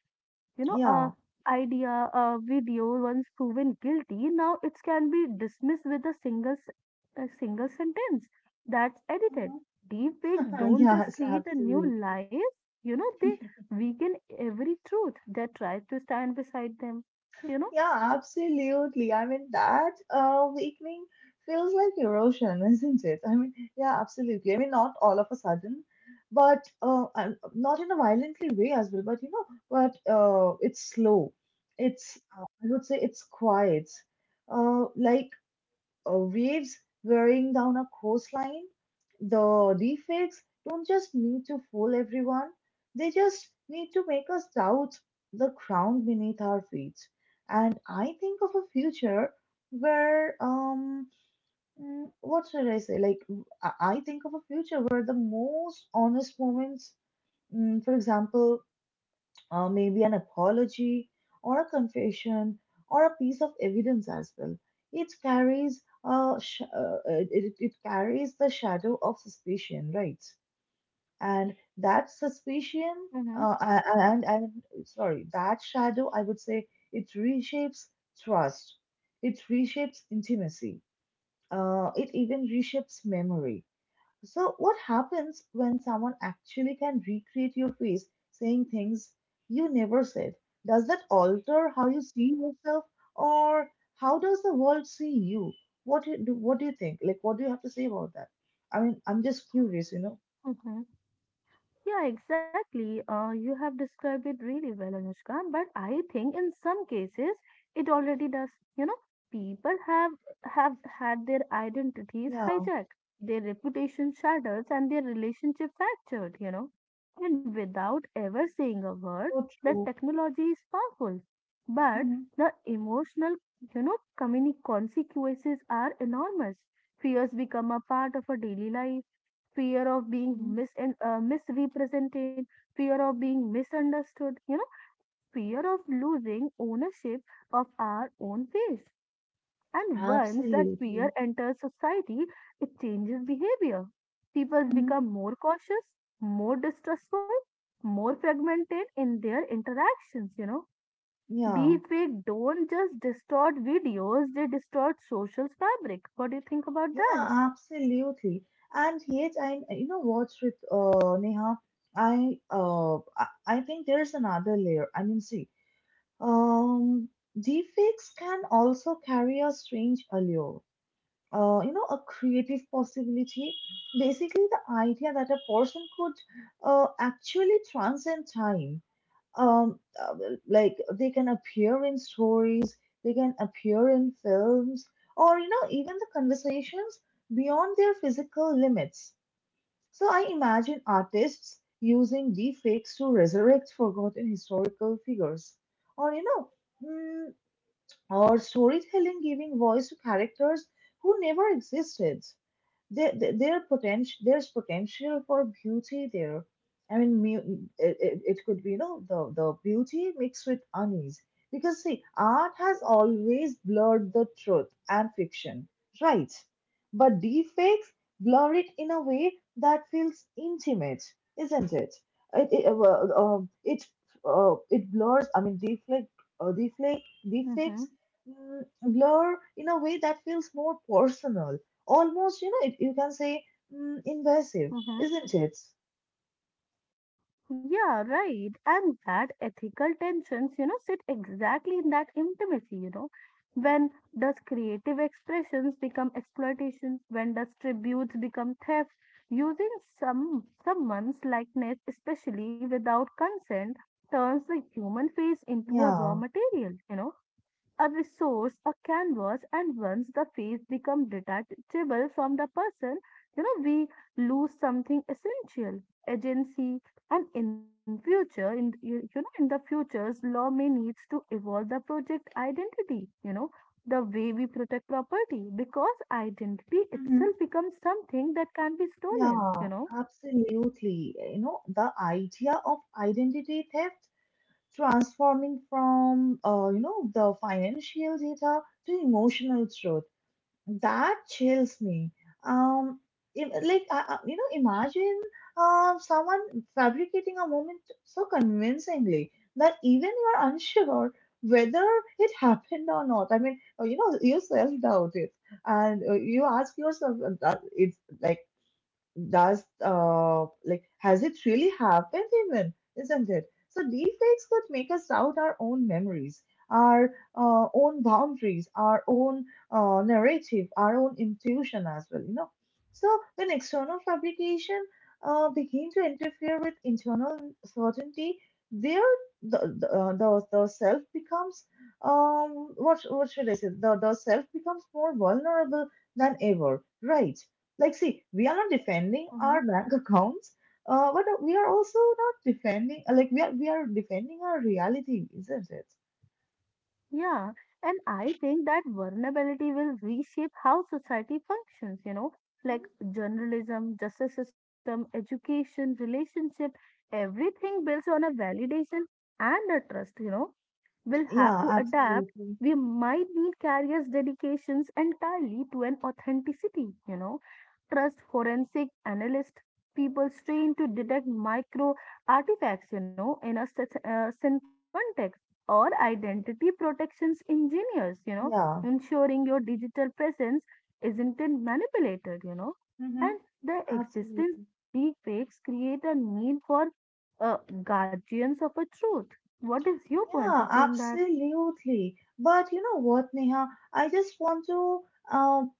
You know, a
Yeah.
idea, a video once proven guilty, now it can be dismissed with a single, a single sentence that's edited. Deepfakes
[laughs]
don't just
Yes,
create a new
absolutely.
life. You know, they weaken every truth that tries to stand beside them. You know.
Yeah, absolutely. I mean, that weakening feels like erosion, [laughs] isn't it? I mean, yeah, absolutely. I mean, not all of a sudden, but and not in a violently way as well, but you know, but it's slow. It's, I would say it's quiet. Like waves wearing down a coastline. The deepfakes don't just need to fool everyone, they just need to make us doubt the ground beneath our feet. And I think of a future where, what should I say? Like, I think of a future where the most honest moments, mm, for example, maybe an apology or a confession or a piece of evidence as well. It carries a sh- it, it carries the shadow of suspicion, right? And that suspicion,
Mm-hmm.
uh, a- and and that shadow, I would say, it reshapes trust. It reshapes intimacy. It even reshapes memory. So, what happens when someone actually can recreate your face saying things you never said? Does that alter how you see yourself, or how does the world see you? What do you think? Like, what do you have to say about that? I mean, I'm just curious, you know?
Mm-hmm. Yeah, exactly. You have described it really well, Anushka. But I think in some cases it already does. You know, people have had their identities
Yeah,
hijacked, their reputation shattered, and their relationship fractured. You know, and without ever saying a word,
so
the
true.
technology is powerful, but
Hmm.
the emotional, you know, community consequences are enormous. Fears become a part of a daily life, fear of being misrepresented, fear of being misunderstood, you know, fear of losing ownership of our own ways. And once that
Absolutely.
fear enters society, it changes behavior. People
Hmm.
become more cautious, more distrustful, more fragmented in their interactions, you know.
Yeah.
Deepfake don't just distort videos, they distort social fabric. What do you think about that?
Yeah, absolutely. And yet, I, you know what, Neha, I think there's another layer. I mean, see, um, deepfakes can also carry a strange allure. You know, a creative possibility. Basically, the idea that a person could actually transcend time, um uh, like they can appear in stories, they can appear in films, or you know, even the conversations, beyond their physical limits. So I imagine artists using deepfakes to resurrect forgotten historical figures, or you know, mm, or storytelling giving voice to characters who never existed. There's potential for beauty there. I mean, it, it it could be, you know, the beauty mixed with unease, because see, art has always blurred the truth and fiction, right? But deepfakes blur it in a way that feels intimate, isn't it? It, it, it blurs I mean deepfake deepfake deepfakes
Mm-hmm.
blur in a way that feels more personal. Almost, you know, it, you can say, invasive,
Mm-hmm.
isn't it?
Yeah, right. And that ethical tensions, you know, sit exactly in that intimacy, you know. When does creative expressions become exploitation? When does tributes become theft? Using someone's likeness, especially without consent, turns the human face into a raw
Yeah.
material, you know, a resource, a canvas, and once the face becomes detachable from the person, you know, we lose something essential, agency, and in future, in you you know, in the future's law may needs to evolve the project identity, you know, the way we protect property, because identity
Mm-hmm.
itself becomes something that can be stolen,
Yeah,
you know.
absolutely. You know, the idea of identity theft transforming from, you know, the financial data to emotional truth, that chills me. Um, you know, imagine someone fabricating a moment so convincingly that even you are unsure whether it happened or not. I mean, you know, you self doubt it, and you ask yourself, that it's like, does, has it really happened even, isn't it? So deepfakes could make us doubt our own memories, our own boundaries, our own narrative, our own intuition as well, you know. So when external fabrication begin to interfere with internal certainty, there the self becomes, what should I say the self becomes more vulnerable than ever, right? Like, see, we are defending our
Mhm.
bank accounts, but we are also not defending, we are defending our reality, isn't it?
Yeah, and I think that vulnerability will reshape how society functions, you know,
Mhm.
like journalism, justice system, education, relationship, everything builds on a validation and a trust, you know, will have to
Yeah,
adapt.
absolutely.
We might need carriers' dedications entirely to an authenticity, you know. Trust forensic analyst people trained to detect micro artifacts, you know, in a synthetic context, or identity protections engineers, you know,
Yeah.
ensuring your digital presence isn't it manipulated, you know.
Mm-hmm.
And the existence
Absolutely.
of a deepfakes create a need for uh, guardians of a truth. What is your point
Yeah,
of view in that?
absolutely. But you know what, Neha? I just want to, um,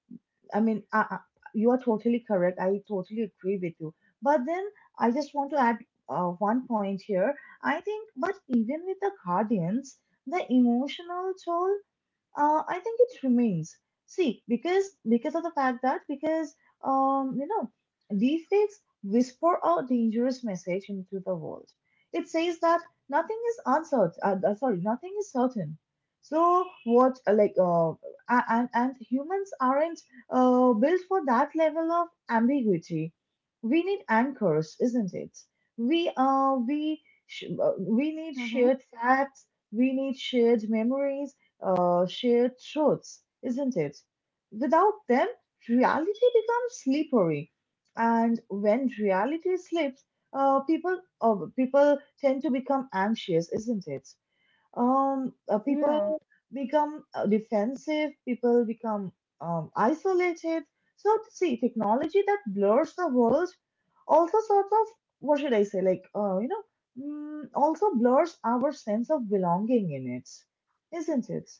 I mean, you are totally correct. I totally agree with you. But then I just want to add one point here. I think, but even with the Guardians, the emotional toll, I think it remains. See, because of the fact that, because um you know deepfakes whisper a dangerous message into the world. It says that nothing is uncertain. Sorry, nothing is certain. So what, and humans aren't built for that level of ambiguity. We need anchors, isn't it? We uh we we need
Hmm.
shared facts. We need shared memories, shared truths, isn't it? Without them, reality becomes slippery, and when reality slips, people tend to become anxious, isn't it?
Yeah,
People become defensive. People become, isolated. So see, technology that blurs the world also sort of, what should I say? Like, you know, also blurs our sense of belonging in it, isn't it?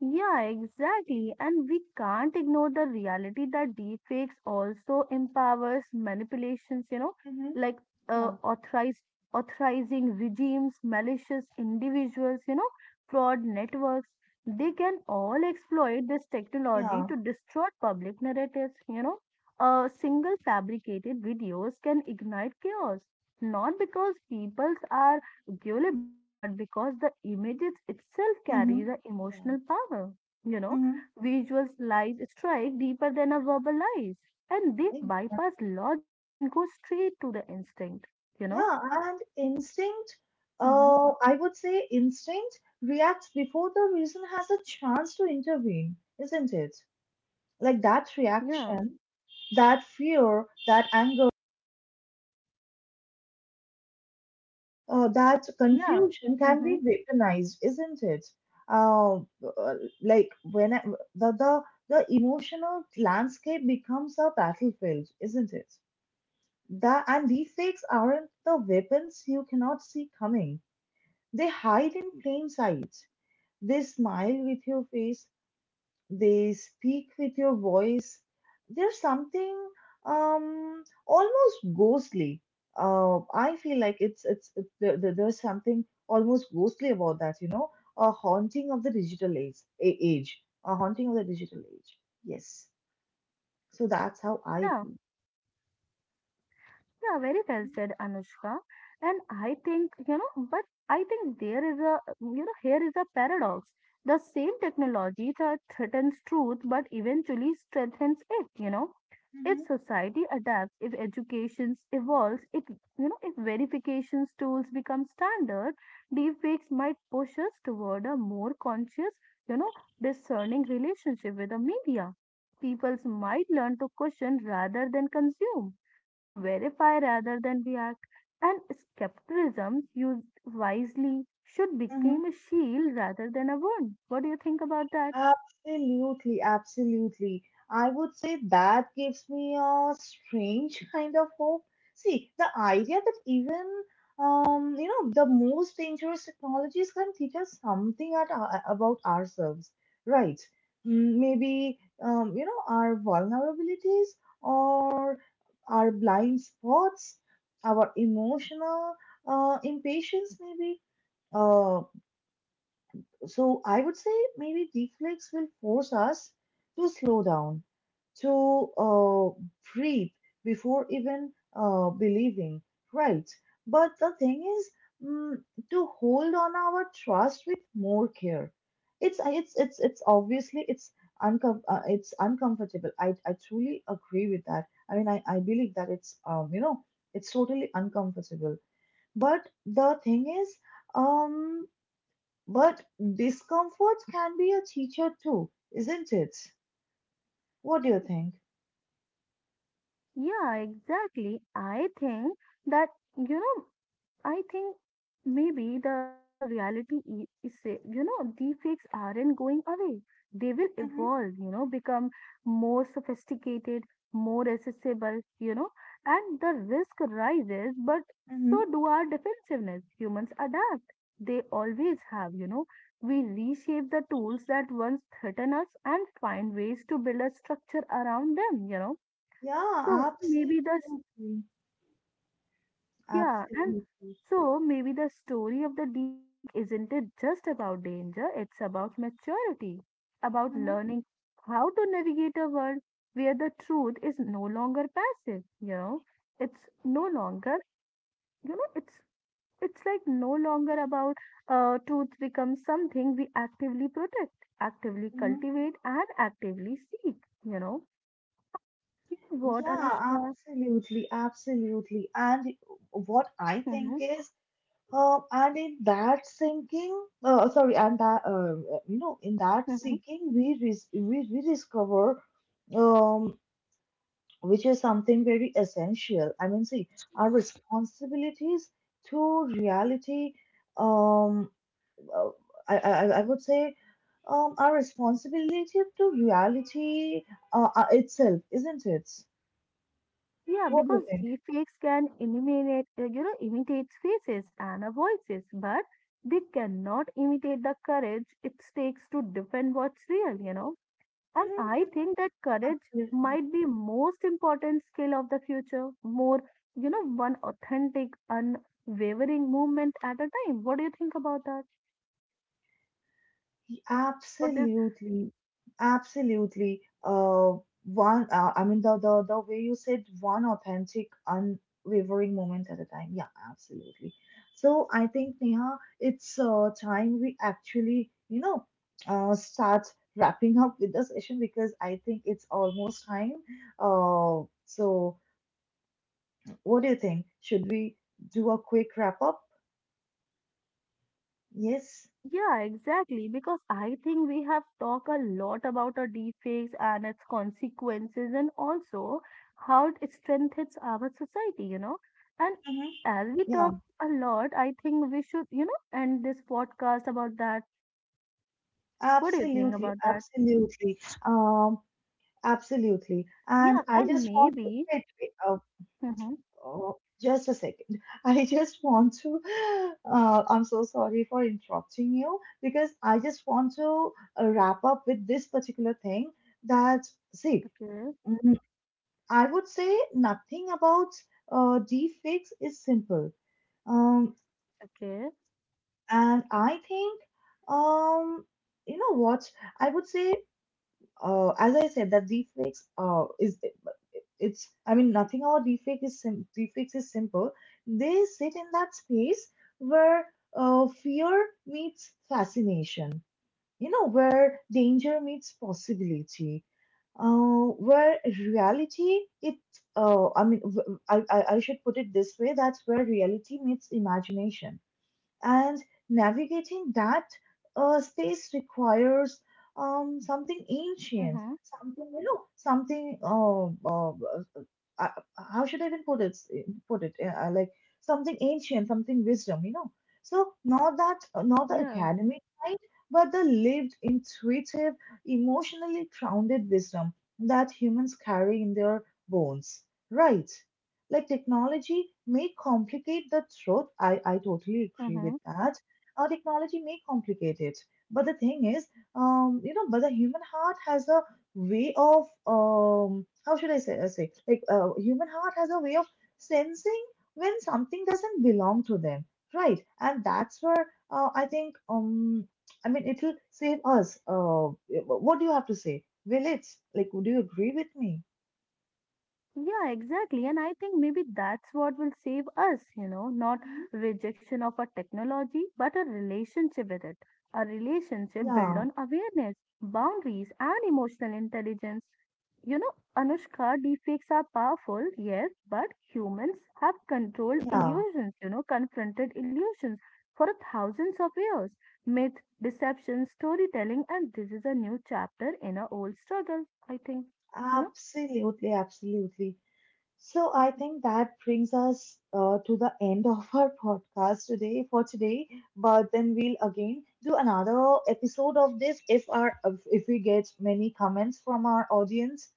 yeah, exactly. And we can't ignore the reality that deepfakes also empowers manipulations, you know,
Mm-hmm.
like
Yeah.
authorized authorizing regimes, malicious individuals, you know, fraud networks. They can all exploit this technology
Yeah.
to distort public narratives, you know. Single fabricated videos can ignite chaos, not because peoples are enjoyable, but because the images itself
Mm-hmm.
carries an
Yeah.
emotional power. You know,
Mm-hmm.
visuals lies strike deeper than a verbal lies, and they
In-
bypass logic and go straight to the instinct. You know.
Yeah, and instinct,
Mm-hmm.
I would say instinct reacts before the reason has a chance to intervene, isn't it? Like that
Yeah.
reaction, that fear, that anger, that
Yeah.
confusion can
Mm-hmm.
be weaponized, isn't it? Uh, uh, like when I, the, the the emotional landscape becomes a battlefield, isn't it? That, and these fakes aren't the weapons you cannot see coming. They hide in plain sight. They smile with your face. They speak with your voice. There's something almost ghostly. I feel like it's it, there- there's something almost ghostly about that. You know, a haunting of the digital age. A haunting of the digital age. Yes. So that's how I
Yeah.
feel.
Yeah, very well said, Anushka. And I think, you know, but I think there is a, you know, here is a paradox. The same technology that threatens truth but eventually strengthens it, you know. If society adapts, if education evolves, if, you know, if verification tools become standard, deepfakes might push us toward a more conscious, you know, discerning relationship with the media. Peoples might learn to question rather than consume, to verify rather than react, and skepticism used wisely should
Mm-hmm.
become a shield rather than a wound. What do you think about that?
Absolutely, absolutely. I would say that gives me a strange kind of hope. See, the idea that even, you know, the most dangerous technologies can teach us something about ourselves, right? Mm, maybe, you know, our vulnerabilities or our blind spots, our emotional impatience, maybe. uh. So I would say maybe deflex will force us to slow down, to breathe before even believing, right? But the thing is, mm, to hold on our trust with more care. It's obviously, it's it's uncomfortable. I truly agree with that. I mean, I believe that it's, it's totally uncomfortable. But the thing is, um but discomfort can be a teacher too, isn't it? What do you think?
Yeah, exactly. I think that, you know, I think maybe the reality is say, you know, deepfakes aren't going away. They will
Mm-hmm.
evolve, you know, become more sophisticated, more accessible, you know, and the risk rises, but
Mm-hmm.
so do our defensiveness. Humans adapt. They always have, you know. We reshape the tools that once threaten us and find ways to build a structure around them, you know. So
Yeah,
maybe the,
absolutely.
yeah, and
Absolutely.
so maybe the story of the deep fake isn't it just about danger, it's about maturity, about
Mm-hmm.
learning how to navigate a world where the truth is no longer passive, you know. It's no longer, you know, it's like no longer about, truth becomes something we actively protect, actively
Mm-hmm.
cultivate, and actively seek, you know. You know what,
Yeah,
Anushka?
absolutely, absolutely. And what I think
Hmm.
is, and in that thinking, you know, in that seeking, we rediscover, um, which is something very essential. I mean, see, our responsibilities to reality, um, uh, I would say, our responsibility to reality itself, isn't it?
Yeah,
What do you
because
think?
deepfakes can eliminate, you know, imitate faces and voices, but they cannot imitate the courage it takes to defend what's real, you know. And
Mhm,
I
mhm.
think that courage
Absolutely.
might be most important skill of the future, more, you know, one authentic, unwavering movement at a time. What do you think about that? What is.
Absolutely, absolutely. One, I mean, the way you said, one authentic, unwavering moment at a time. Yeah, absolutely. So I think, Neha, it's time we actually, you know, start wrapping up with the session because I think it's almost time. So what do you think? Should we do a quick wrap up? Yes.
Yeah, exactly. Because I think we have talked a lot about a deepfakes and its consequences, and also how it strengthens our society, you know. And
Hmm.
as we
Yeah,
talk a lot, I think we should, you know, end this podcast about that. What do you think
absolutely,
about that?
absolutely. Um, Absolutely. And
Yeah,
I
and
just want to,
maybe.
wait, wait, oh,
Mm-hmm.
oh, just a second. [laughs] I just want to, I'm so sorry for interrupting you because I just want to wrap up with this particular thing that, see,
Okay,
mm, I would say nothing about deepfakes is simple. Um,
okay.
and I think, um, you know what? I would say, as I said, that deepfakes is it's I mean, nothing about deepfakes is simple. They sit in that space where fear meets fascination. You know, where danger meets possibility. Where reality it I mean, I should put it this way. That's where reality meets imagination, and navigating that space requires, something ancient,
Mm-hmm.
something, you know, something uh, how should I even put it? Like, something ancient, something wisdom, you know. So not that, not the
Yeah.
academic kind, but the lived, intuitive, emotionally grounded wisdom that humans carry in their bones, right? Like, technology may complicate the truth. I totally agree with
Mm-hmm.
that. Technology may complicate it. But the thing is, you know, but the human heart has a way of, how should I say, say like, human heart has a way of sensing when something doesn't belong to them, right? And that's where I think, I mean, it'll save us. What do you have to say? Will it? Like, would you agree with me?
Yeah, exactly. And I think maybe that's what will save us, you know, not
Mhm.
rejection of a technology, but a relationship with it. A relationship built
Yeah,
on awareness, boundaries, and emotional intelligence. You know, Anushka, deepfakes are powerful, yes, but humans have controlled
yeah.
illusions, you know, confronted illusions for thousands of years. Myth, deception, storytelling, and this is a new chapter in a old struggle, I think. You know?
Absolutely, absolutely. So I think that brings us to the end of our [laughs] podcast today for today. But then we'll again do another episode of this if our if we get many comments from our audience.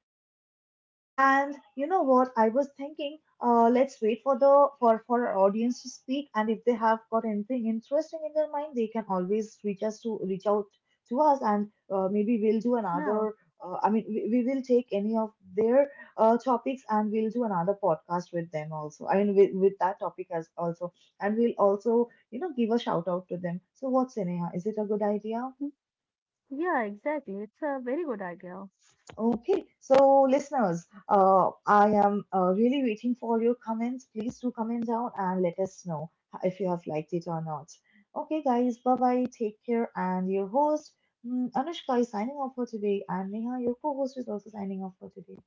And you know what? I was thinking, let's wait for the for our audience to speak, and if they have got anything interesting in their mind, they can always reach out to us, and maybe we'll do
Yeah.
another. I mean, we will take any of their topics, and we'll do another podcast with them also. I mean, with that topic as also, and we'll also, you know, give a shout out to them. So what's Sneha? Is it a good idea?
Yeah, exactly. It's a very good idea.
Okay, so listeners, I am really waiting for your comments. Please do comment down and let us know if you have liked it or not. Okay, guys, bye bye. Take care. And your host, Anushka, is signing off for today, and Neha, your co host, is also signing off for today.